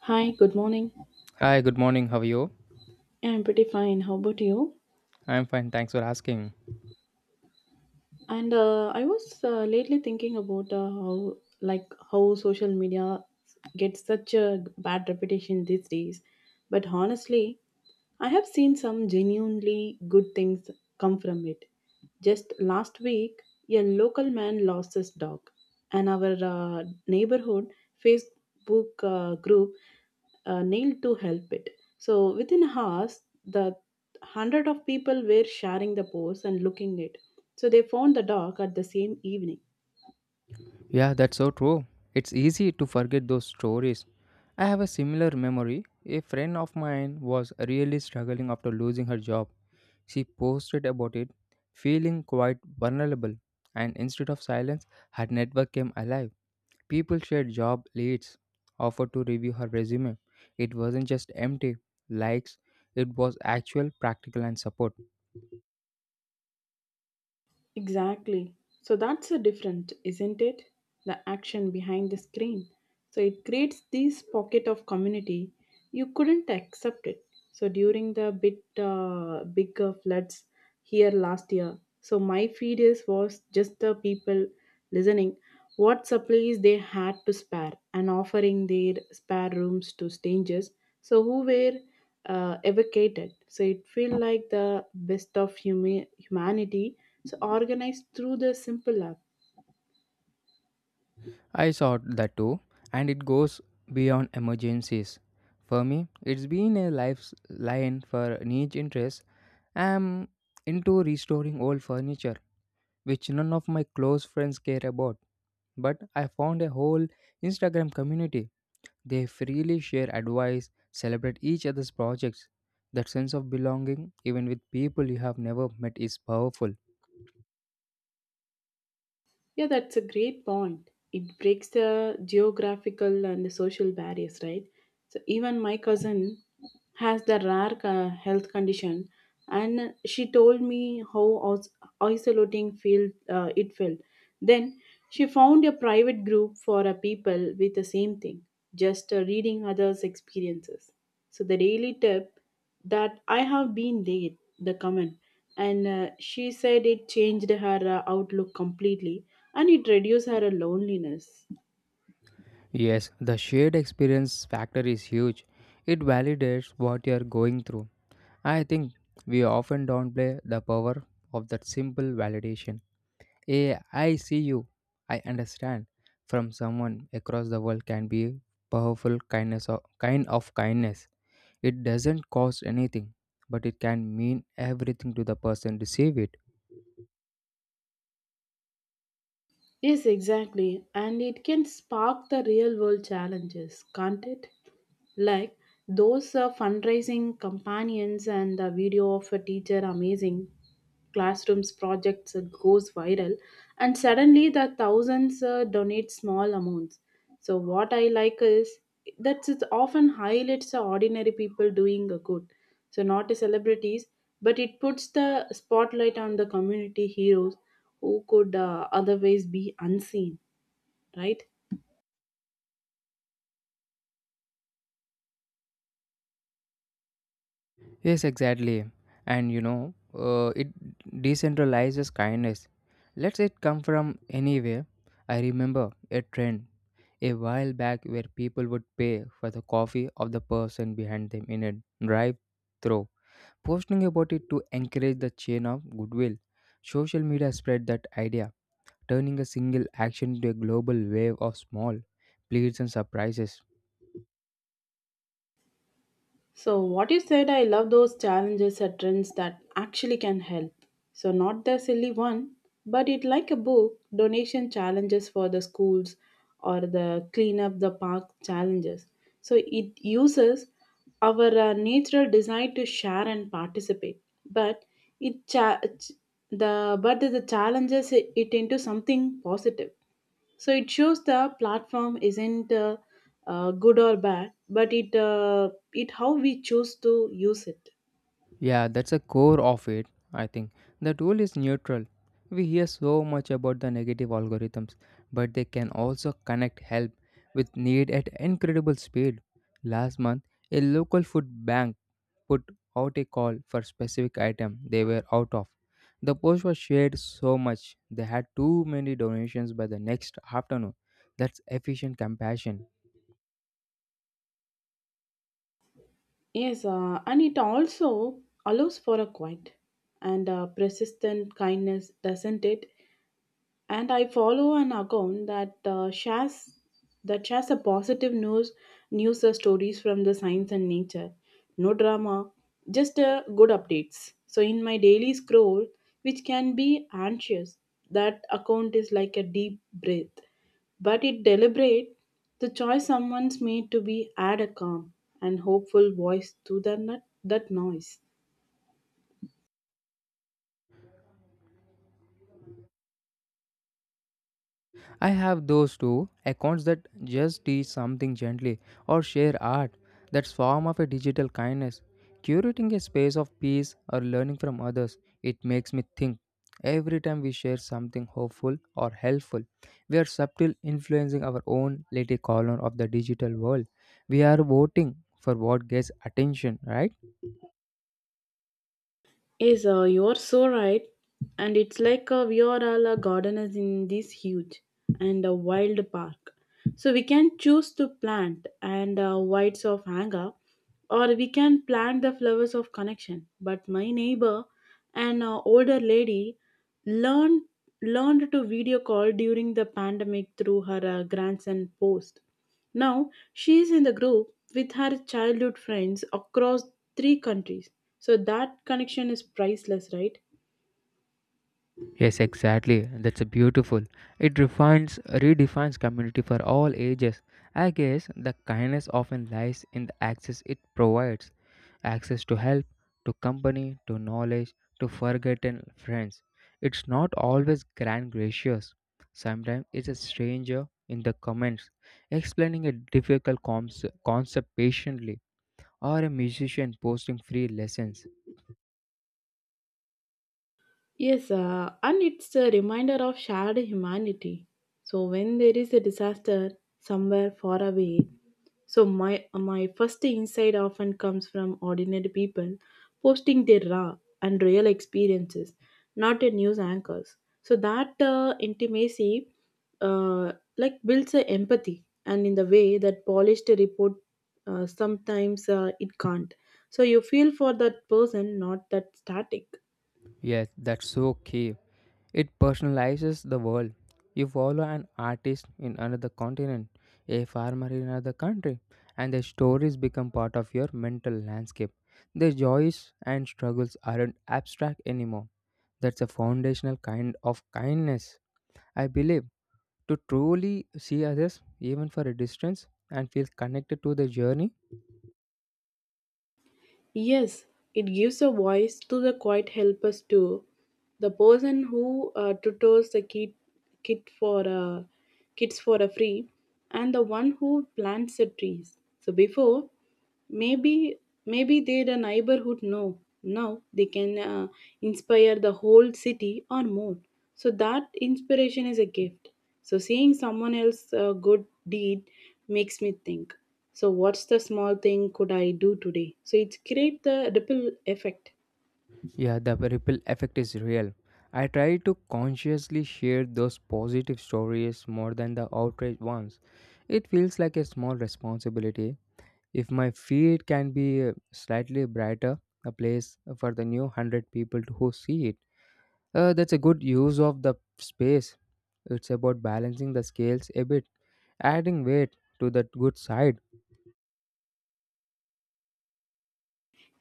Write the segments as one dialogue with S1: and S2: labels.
S1: Hi, good morning.
S2: Hi, good morning. How are you?
S1: Yeah, I'm pretty fine. How about you?
S2: I'm fine. Thanks for asking.
S1: And I was lately thinking about how, like, how social media gets such a bad reputation these days. But honestly, I have seen some genuinely good things come from it. Just last week, a local man lost his dog, and our neighborhood Facebook group nailed to help it. So within hours, the hundred of people were sharing the post and looking it. So they found the dog at the same evening.
S2: Yeah, that's so true. It's easy to forget those stories. I have a similar memory. A friend of mine was really struggling after losing her job. She posted about it, feeling quite vulnerable. And instead of silence, her network came alive. People shared job leads, offered to review her resume. It wasn't just empty likes, it was actual, practical, and support.
S1: Exactly. So that's the different, isn't it? The action behind the screen. So it creates this pocket of community. You couldn't accept it. So during the bit bigger floods here last year, so my feed is was just the people listening what supplies they had to spare and offering their spare rooms to strangers. So who were evocated. So it feel like the best of humanity, so organized through the simple act.
S2: I saw that too, and it goes beyond emergencies. For me, it's been a lifeline for niche interests. I'm into restoring old furniture, which none of my close friends care about. But I found a whole Instagram community. They freely share advice, celebrate each other's projects. That sense of belonging, even with people you have never met, is powerful.
S1: Yeah, that's a great point. It breaks the geographical and the social barriers, right? So even my cousin has the rare health condition, and she told me how os- isolating feel it felt. Then she found a private group for a people with the same thing, just reading others' experiences. So the daily tip that I have been late, the comment, and she said it changed her outlook completely and it reduces our loneliness.
S2: Yes, the shared experience factor is huge. It validates what you are going through. I think we often downplay the power of that simple validation. A I see you, I understand from someone across the world can be powerful kindness or kind of kindness. It doesn't cost anything, but it can mean everything to the person receive it.
S1: Yes, exactly. And it can spark the real world challenges, can't it? Like those fundraising companions and the video of a teacher amazing classrooms projects goes viral and suddenly the thousands donate small amounts. So what I like is that it often highlights the ordinary people doing a good. So not the celebrities, but it puts the spotlight on the community heroes who could otherwise be unseen, right?
S2: Yes, exactly. It decentralizes kindness. Let's it come from anywhere. I remember a trend a while back where people would pay for the coffee of the person behind them in a drive through. Posting about it to encourage the chain of goodwill. Social media spread that idea, turning a single action into a global wave of small pleas and surprises.
S1: So, what you said, I love those challenges or trends that actually can help. So, not the silly one, but it like a book donation challenges for the schools or the clean up the park challenges. So, it uses our natural desire to share and participate, but it cha- ch- the but the challenges it into something positive. So it shows the platform isn't good or bad, but it it how we choose to use it.
S2: Yeah, that's a core of it, I think. The tool is neutral. We hear so much about the negative algorithms, but they can also connect help with need at incredible speed. Last month, a local food bank put out a call for specific item they were out of. The post was shared so much they had too many donations by the next afternoon. That's efficient compassion.
S1: Yes, and it also allows for a quiet and persistent kindness, doesn't it? And I follow an account that shares a positive news stories from the science and nature. No drama, just good updates. So in my daily scroll, which can be anxious, that account is like a deep breath, but it deliberate the choice someone's made to be add a calm and hopeful voice to that noise.
S2: I have those two accounts that just teach something gently or share art. That's form of a digital kindness. Curating a space of peace or learning from others, it makes me think. Every time we share something hopeful or helpful, we are subtly influencing our own little corner of the digital world. We are voting for what gets attention, right?
S1: Yes, you are so right. And it's like we are all gardeners in this huge and wild park. So we can choose to plant and whites of anger, or we can plant the flowers of connection. But my neighbor, an older lady, learned learned to video call during the pandemic through her grandson post. Now she is in the group with her childhood friends across three countries. So that connection is priceless, right?
S2: Yes, exactly. That's a beautiful. It refines, redefines community for all ages. I guess the kindness often lies in the access it provides access to help, to company, to knowledge, to forgotten friends. It's not always grand gracious. Sometimes it's a stranger in the comments explaining a difficult concept patiently, or a musician posting free lessons.
S1: Yes, and it's a reminder of shared humanity. So when there is a disaster somewhere far away, so my first insight often comes from ordinary people posting their raw and real experiences, not a news anchors. So that intimacy, like builds a empathy, and in the way that polished report, sometimes it can't. So you feel for that person, not that static.
S2: Yes, that's so key. It personalizes the world. You follow an artist in another continent, a farmer in another country, and their stories become part of your mental landscape. Their joys and struggles aren't abstract anymore. That's a foundational kind of kindness. I believe to truly see others, even for a distance, and feel connected to the journey,
S1: Yes, it gives a voice to the quiet helpers too. The person who tutors the kid for uh, kids for a free, and the one who plants the trees. So before, Maybe maybe they're a neighborhood know. Now they can inspire the whole city or more. So that inspiration is a gift. So seeing someone else good deed makes me think. So what's the small thing could I do today? So it's create the ripple effect.
S2: yeah, the ripple effect is real. I try to consciously share those positive stories more than the outrage ones. It feels like a small responsibility. If my feed can be slightly brighter, a place for the new 100 people to who see it, that's a good use of the space. It's about balancing the scales a bit, adding weight to the good side.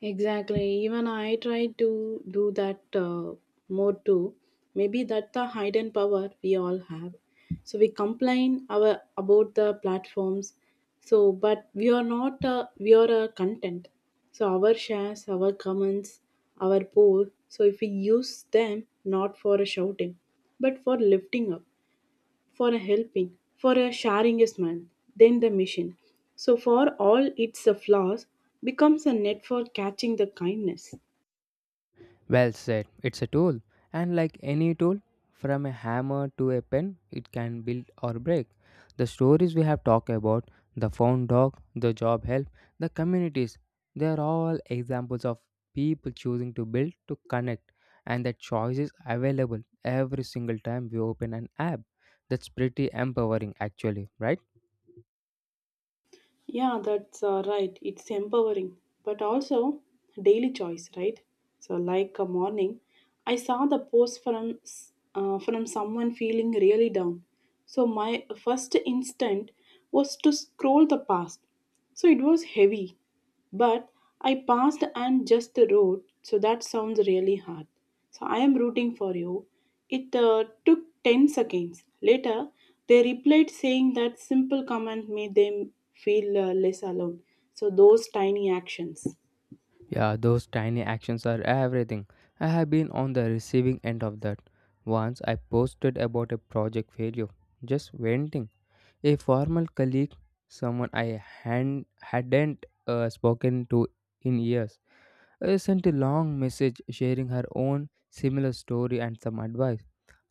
S1: Exactly. Even I try to do that more too. Maybe that's the hidden power we all have. So we complain our about the platforms. So, but we are not. We are a content. So our shares, our comments, our poll. So if we use them not for a shouting, but for lifting up for a helping, for a sharing a smile, then the mission. So for all its flaws, becomes a net for catching the kindness.
S2: Well said. It's a tool, and like any tool, from a hammer to a pen, it can build or break. The stories we have talked about, the found dog, the job help, the communities, they are all examples of people choosing to build to connect, and that choice is available every single time we open an app. That's pretty empowering, actually, right?
S1: Yeah, that's right. It's empowering, but also daily choice, right? So, like a morning, I saw the post from from someone feeling really down. So my first instinct was to scroll the past. So it was heavy. But I passed and just wrote, so that sounds really hard. So I am rooting for you. It took 10 seconds. Later, they replied saying that simple comment made them feel less alone. So those tiny actions.
S2: Yeah, those tiny actions are everything. I have been on the receiving end of that. Once I posted about a project failure, just venting. A former colleague, someone I hadn't spoken to in years, sent a long message sharing her own similar story and some advice.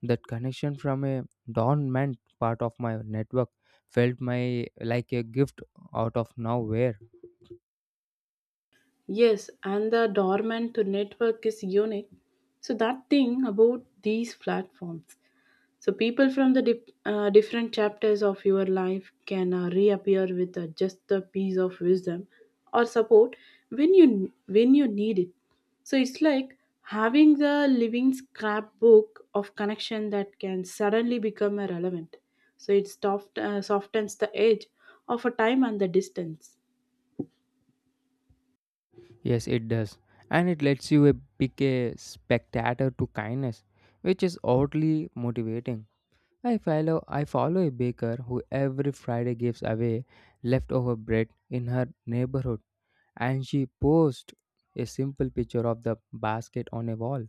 S2: That connection from a dormant part of my network felt my like a gift out of nowhere.
S1: Yes, and the dormant to network is unique. So that thing about these platforms. So people from the different chapters of your life can reappear with just a piece of wisdom or support when you need it. So it's like having the living scrapbook of connection that can suddenly become irrelevant. So it softens the edge of a time and the distance.
S2: Yes, it does. And it lets you pick a spectator to kindness, which is oddly motivating. I follow a baker who every Friday gives away leftover bread in her neighborhood, and she posts a simple picture of the basket on a wall.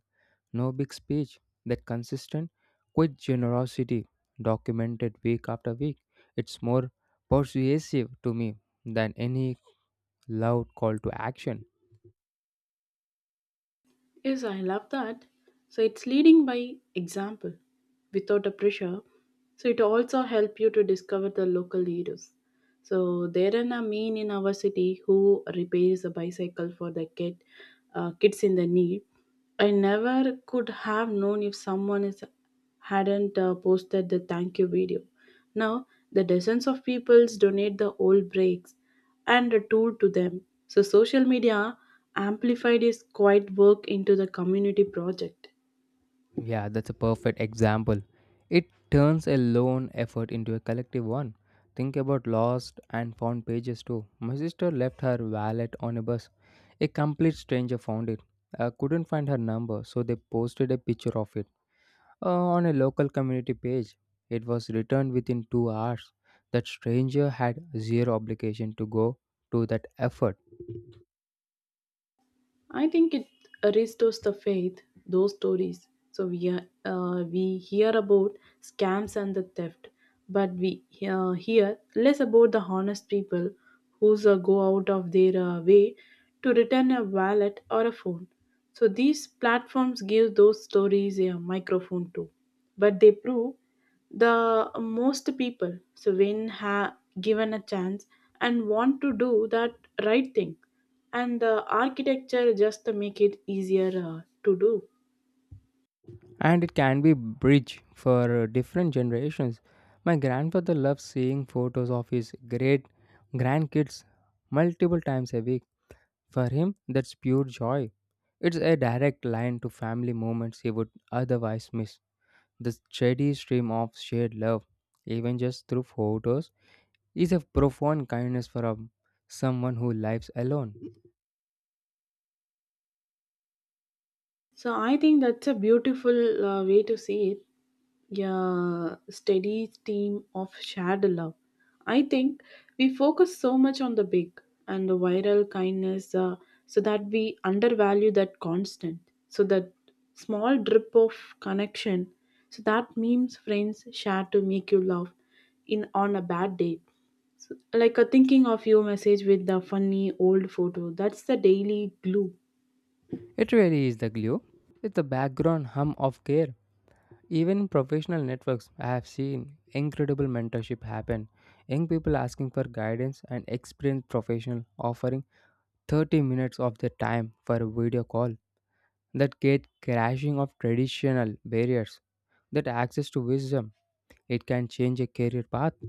S2: No big speech, that consistent, quick generosity documented week after week. It's more persuasive to me than any loud call to action.
S1: Yes, I love that. So it's leading by example without a pressure. So it also help you to discover the local leaders. So there are a man in our city who repairs a bicycle for the kids in the need. I never could have known if hadn't posted the thank you video. Now the dozens of peoples donate the old brakes and a tool to them. So social media amplified his quiet work into the community project.
S2: Yeah, that's a perfect example. It turns a lone effort into a collective one. Think about lost and found pages too. My sister left her wallet on a bus. A complete stranger found it. Couldn't find her number, so they posted a picture of it on a local community page. It was returned within 2 hours. That stranger had zero obligation to go to that effort.
S1: I think it restores the faith, those stories. So we hear about scams and the theft, but we hear less about the honest people who's go out of their way to return a wallet or a phone. So these platforms give those stories a microphone too, but they prove the most people so when given a chance and want to do that right thing and the architecture just make it easier to do.
S2: And it can be bridge for different generations. My grandfather loves seeing photos of his great grandkids multiple times a week. For him, that's pure joy. It's a direct line to family moments he would otherwise miss. The steady stream of shared love, even just through photos, is a profound kindness for a, someone who lives alone.
S1: So I think that's a beautiful way to see it. Yeah, steady stream of shared love. I think we focus so much on the big and the viral kindness, so that we undervalue that constant. So that small drip of connection. So that memes friends share to make you laugh in on a bad day. So, like a thinking of you message with the funny old photo. That's the daily glue.
S2: It really is the glue. It's the background hum of care. Even in professional networks, I have seen incredible mentorship happen. Young people asking for guidance and experienced professional offering 30 minutes of their time for a video call. That gate crashing of traditional barriers, that access to wisdom, it can change a career path.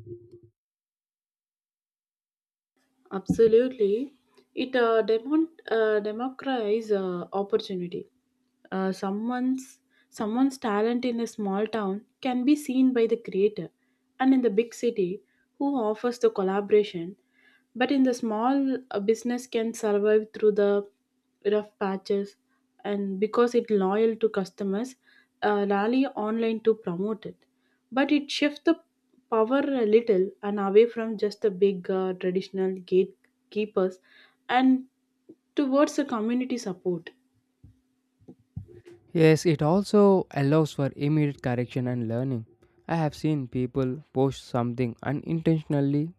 S1: Absolutely. It democratizes opportunity. Uh, someone's someone's talent in a small town can be seen by the creator and in the big city who offers the collaboration but in the small business can survive through the rough patches and because it loyal to customers rally online to promote it but it shifts the power a little and away from just the big traditional gatekeepers and towards the community support.
S2: Yes, it also allows for immediate correction and learning. I have seen people post something unintentionally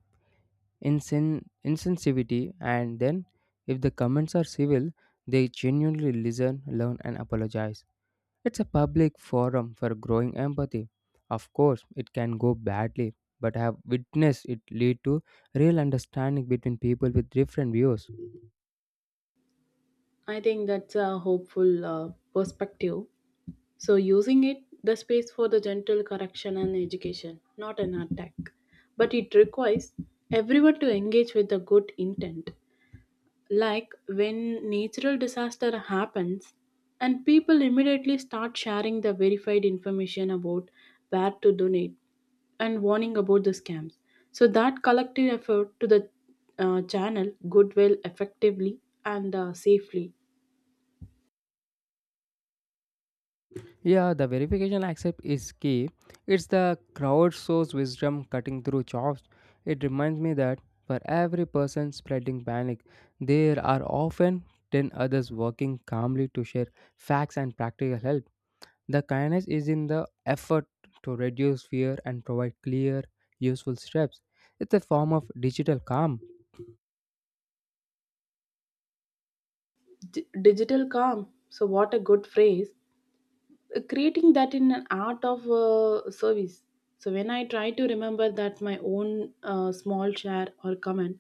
S2: insensitivity, and then if the comments are civil, they genuinely listen, learn, and apologize. It's a public forum for growing empathy. Of course, it can go badly, but I have witnessed it lead to real understanding between people with different views.
S1: I think that's a hopeful perspective, so using it the space for the gentle correction and education, not an attack, but it requires everyone to engage with a good intent. Like when natural disaster happens and people immediately start sharing the verified information about where to donate and warning about the scams. So that collective effort to the channel goodwill effectively and safely.
S2: Yeah, the verification accept is key. It's the crowd source wisdom cutting through chops. It reminds me that for every person spreading panic, there are often 10 others working calmly to share facts and practical help. The kindness is in the effort to reduce fear and provide clear, useful steps. It's a form of digital calm.
S1: Digital calm. So what a good phrase. Creating that in an art of service. So when I try to remember that my own small share or comment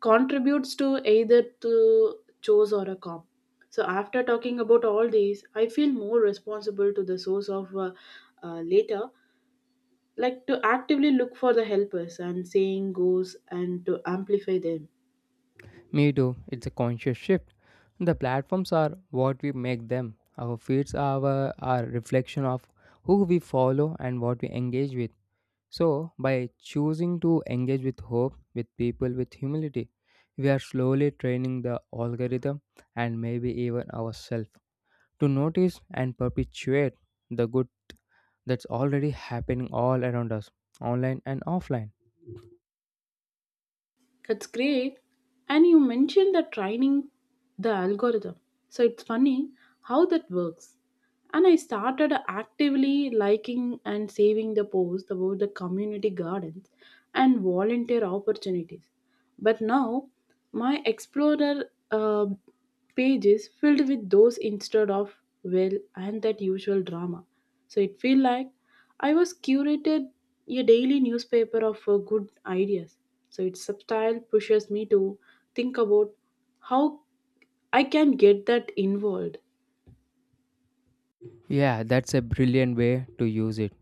S1: contributes to either to chores or a calm. So after talking about all these, I feel more responsible to the source of later, like to actively look for the helpers and saying goes and to amplify them.
S2: Me too. It's a conscious shift. The platforms are what we make them. Our feeds are our, are reflection of who we follow and what we engage with. So, by choosing to engage with hope, with people, with humility, we are slowly training the algorithm and maybe even ourselves to notice and perpetuate the good that's already happening all around us, online and offline.
S1: That's great. And you mentioned that training the algorithm. So it's funny how that works. And I started actively liking and saving the posts about the community gardens and volunteer opportunities. But now my explorer pages filled with those instead of well and that usual drama, so it felt like I was curated a daily newspaper of good ideas, so its substyle pushes me to think about how I can get that involved.
S2: Yeah, that's a brilliant way to use it.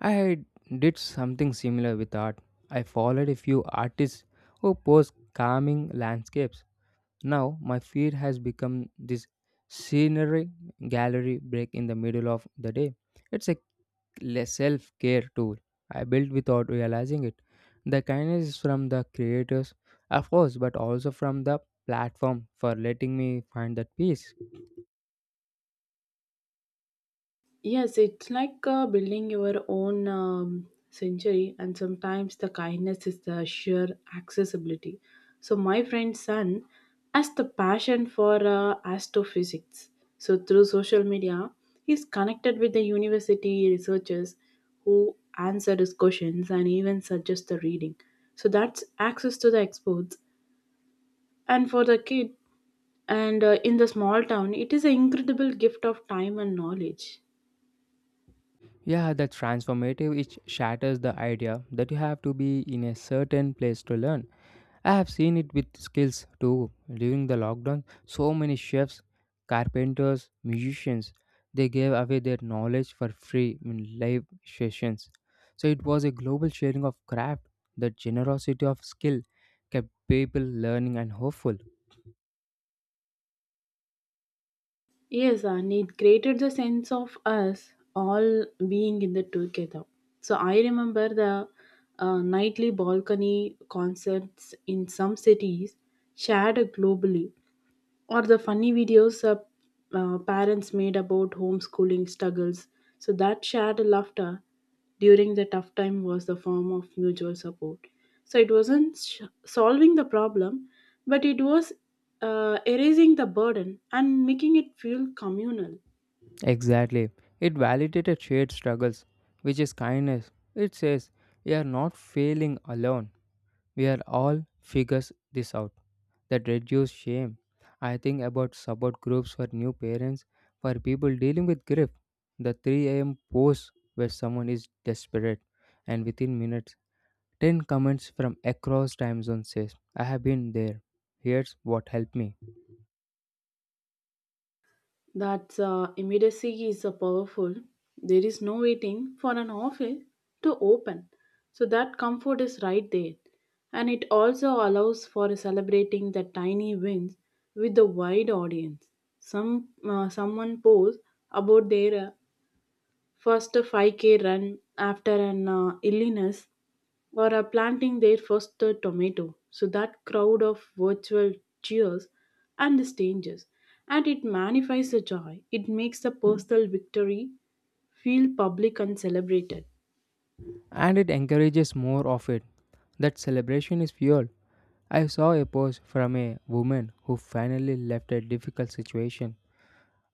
S2: I did something similar with art. I followed a few artists who post calming landscapes. Now my feed has become this scenery gallery break in the middle of the day. It's a self care tool I built without realizing it. The kindness is from the creators, of course, but also from the platform for letting me find that peace.
S1: Yes, it's like building your own century, and sometimes the kindness is the sheer accessibility. So, my friend's son has the passion for astrophysics. So, through social media, he's connected with the university researchers who answer his questions and even suggest the reading. So, that's access to the experts. And for the kid, and in the small town, it is an incredible gift of time and knowledge.
S2: Yeah, the transformative it shatters the idea that you have to be in a certain place to learn. I have seen it with skills too. During the lockdown, so many chefs, carpenters, musicians, they gave away their knowledge for free in live sessions. So it was a global sharing of craft. The generosity of skill kept people learning and hopeful.
S1: Yes, and it created the sense of us all being in the together. So I remember the nightly balcony concerts in some cities shared globally, or the funny videos parents made about homeschooling struggles. So that shared laughter during the tough time was the form of mutual support. So it wasn't solving the problem, but it was erasing the burden and making it feel communal.
S2: Exactly. It validated shared struggles, which is kindness. It says, you are not failing alone. We are all figures this out. That reduce shame. I think about support groups for new parents, for people dealing with grief. The 3 a.m. post where someone is desperate and within minutes 10 comments from across time zone says I have been there. Here's what helped me.
S1: That immediacy is powerful. There is no waiting for an office to open. So that comfort is right there. And it also allows for celebrating the tiny wins with the wide audience. Someone posts about their first 5k run after an illness, or are planting their first tomato. So that crowd of virtual cheers and the strangers, and it magnifies the joy. It makes the personal victory feel public and celebrated.
S2: And it encourages more of it. That celebration is fuel. I saw a post from a woman who finally left a difficult situation.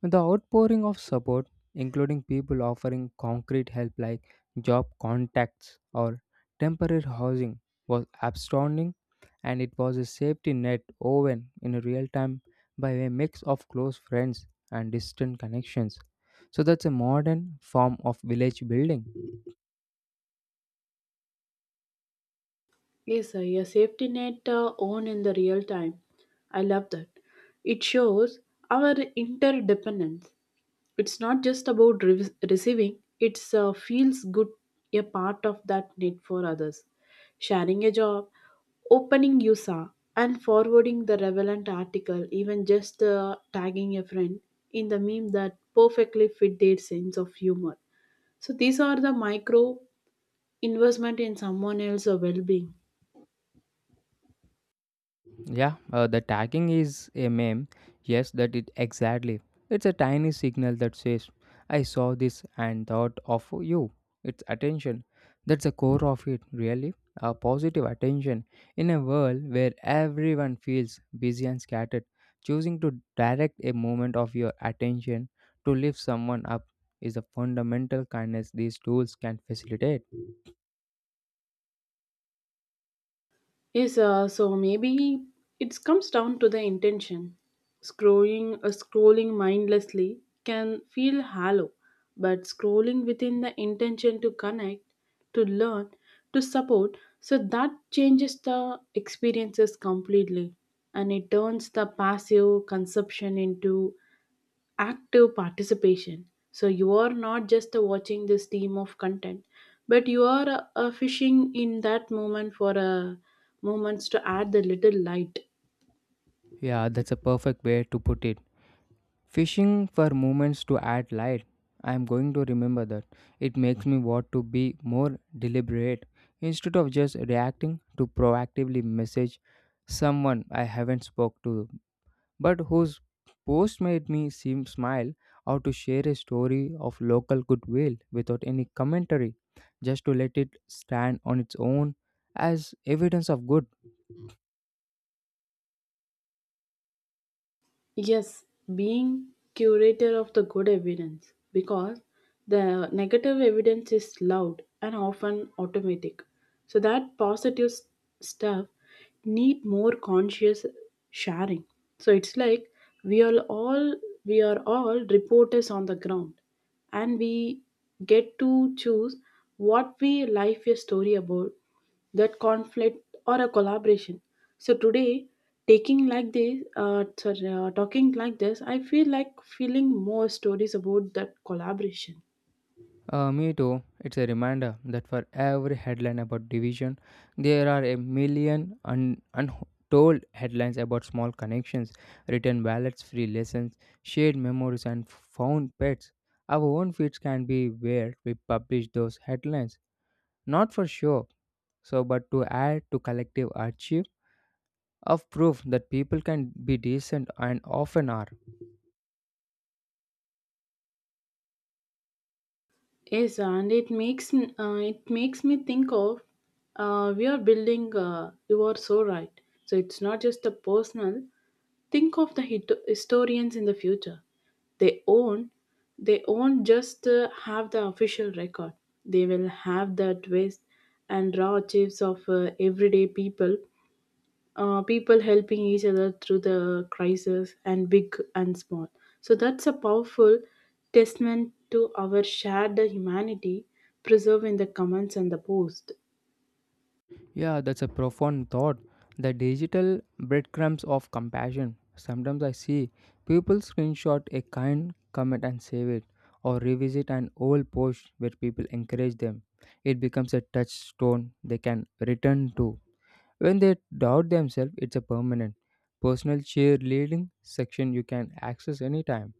S2: The outpouring of support, including people offering concrete help like job contacts or temporary housing, was astounding, and it was a safety net woven in real time by a mix of close friends and distant connections. So that's a modern form of village building.
S1: Yes, sir. A safety net, on in the real time. I love that. It shows our interdependence. It's not just about receiving. It's feels good a part of that net for others. Sharing a job, opening USA, and forwarding the relevant article, even just tagging a friend in the meme that perfectly fit their sense of humor. So these are the micro investment in someone else's well-being.
S2: Yeah, the tagging is a meme. Yes, that it exactly. It's a tiny signal that says, "I saw this and thought of you." It's attention. That's the core of it, really. A positive attention in a world where everyone feels busy and scattered. Choosing to direct a moment of your attention to lift someone up is the fundamental kindness these tools can facilitate.
S1: Yes, so maybe it comes down to the intention. Scrolling mindlessly can feel hollow, but scrolling within the intention to connect, to learn, to support, so that changes the experiences completely, and it turns the passive consumption into active participation. So you are not just watching this team of content, but you are fishing in that moment for a moments to add the little light.
S2: Yeah, that's a perfect way to put it. Fishing for moments to add light. I am going to remember that. It makes me want to be more deliberate instead of just reacting to proactively message someone I haven't spoke to but whose post made me seem smile or to share a story of local goodwill without any commentary just to let it stand on its own as evidence of good.
S1: Yes, being curator of the good evidence, because the negative evidence is loud and often automatic. So that positive stuff need more conscious sharing. So it's like we are all we are all reporters on the ground, and we get to choose what we life a story about, that conflict or a collaboration. So today, taking like this sorry, talking like this, I feel like feeling more stories about that collaboration.
S2: Me too. It's a reminder that for every headline about division, there are a million untold headlines about small connections, written ballots, free lessons, shared memories, and found pets. Our own feeds can be where we publish those headlines, not for show, so but to add to collective archive of proof that people can be decent and often are.
S1: Yes, and it makes it makes me think of, we are building, you are so right, so it's not just a personal. Think of the historians in the future. They own they won't just have the official record. They will have the twist and raw chips of everyday people, people helping each other through the crisis and big and small. So that's a powerful testament to our shared humanity preserved in the comments and the post.
S2: Yeah, that's a profound thought. The digital breadcrumbs of compassion. Sometimes I see people screenshot a kind comment and save it, or revisit an old post where people encourage them. It becomes a touchstone they can return to. When they doubt themselves, it's a permanent personal cheerleading section you can access anytime.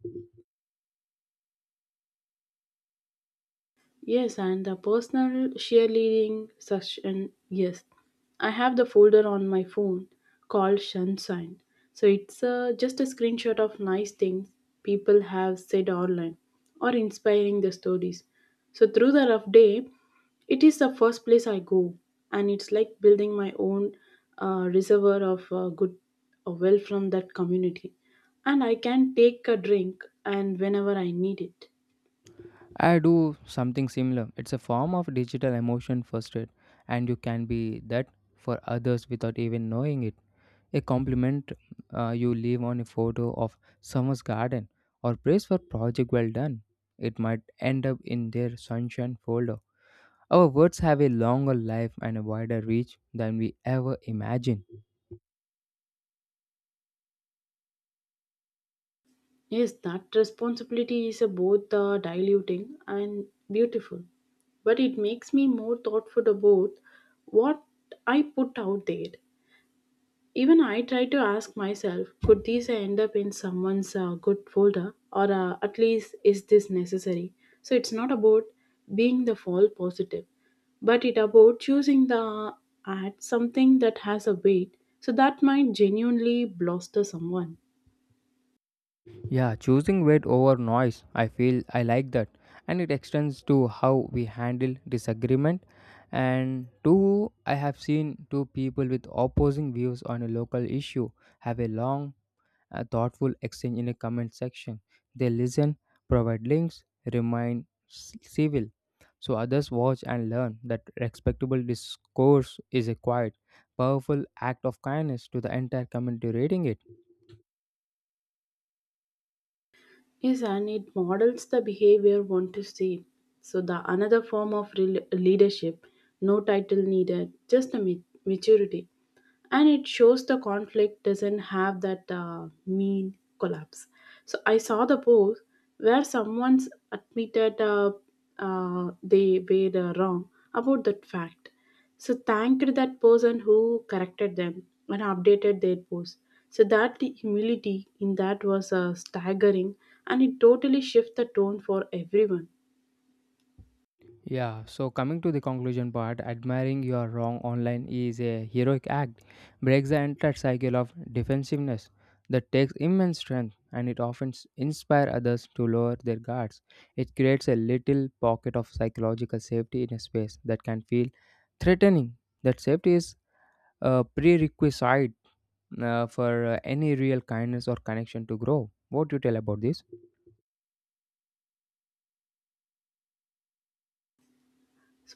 S1: Yes, and the personal cheerleading session. Yes, I have the folder on my phone called Sunshine. So it's just a screenshot of nice things people have said online or inspiring the stories. So through the rough day, it is the first place I go, and it's like building my own reservoir of good wealth from that community. And I can take a drink and whenever I need it.
S2: I do something similar. It's a form of digital emotion first aid, and you can be that for others without even knowing it. A compliment you leave on a photo of someone's garden or praise for project well done. It might end up in their sunshine folder. Our words have a longer life and a wider reach than we ever imagine.
S1: Yes, that responsibility is a both diluting and beautiful, but it makes me more thoughtful about what I put out there. Even I try to ask myself, could these end up in someone's good folder, or at least is this necessary? So it's not about being the fall positive, but it about choosing the ad something that has a weight, so that might genuinely bluster someone.
S2: Yeah, choosing weight over noise, I feel I like that. And it extends to how we handle disagreement. And two, I have seen two people with opposing views on a local issue have a long a thoughtful exchange in a comment section. They listen, provide links, civil. So others watch and learn that respectable discourse is a quiet, powerful act of kindness to the entire community reading it.
S1: Yes, and it models the behavior one to see. So the another form of rel leadership, no title needed, just a maturity, and it shows the conflict doesn't have that mean collapse. So I saw the post where someone's admitted they were wrong about that fact. So thanked that person who corrected them and updated their post. So that the humility in that was staggering, and it totally shifted the tone for everyone.
S2: Yeah, so coming to the conclusion part, admiring your wrong online is a heroic act, breaks the entire cycle of defensiveness that takes immense strength and it often inspire others to lower their guards. It creates a little pocket of psychological safety in a space that can feel threatening. That safety is a prerequisite for any real kindness or connection to grow. What do you tell about this?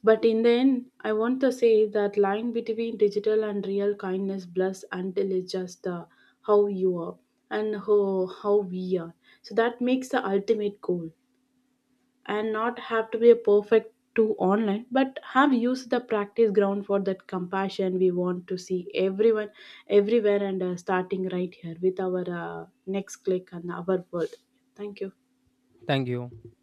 S1: But in the end, I want to say that line between digital and real kindness blurs until it's just the how you are and how we are. So that makes the ultimate goal. And not have to be a perfect to online, but have used the practice ground for that compassion we want to see everyone, everywhere, and starting right here with our next click and our word. Thank you.
S2: Thank you.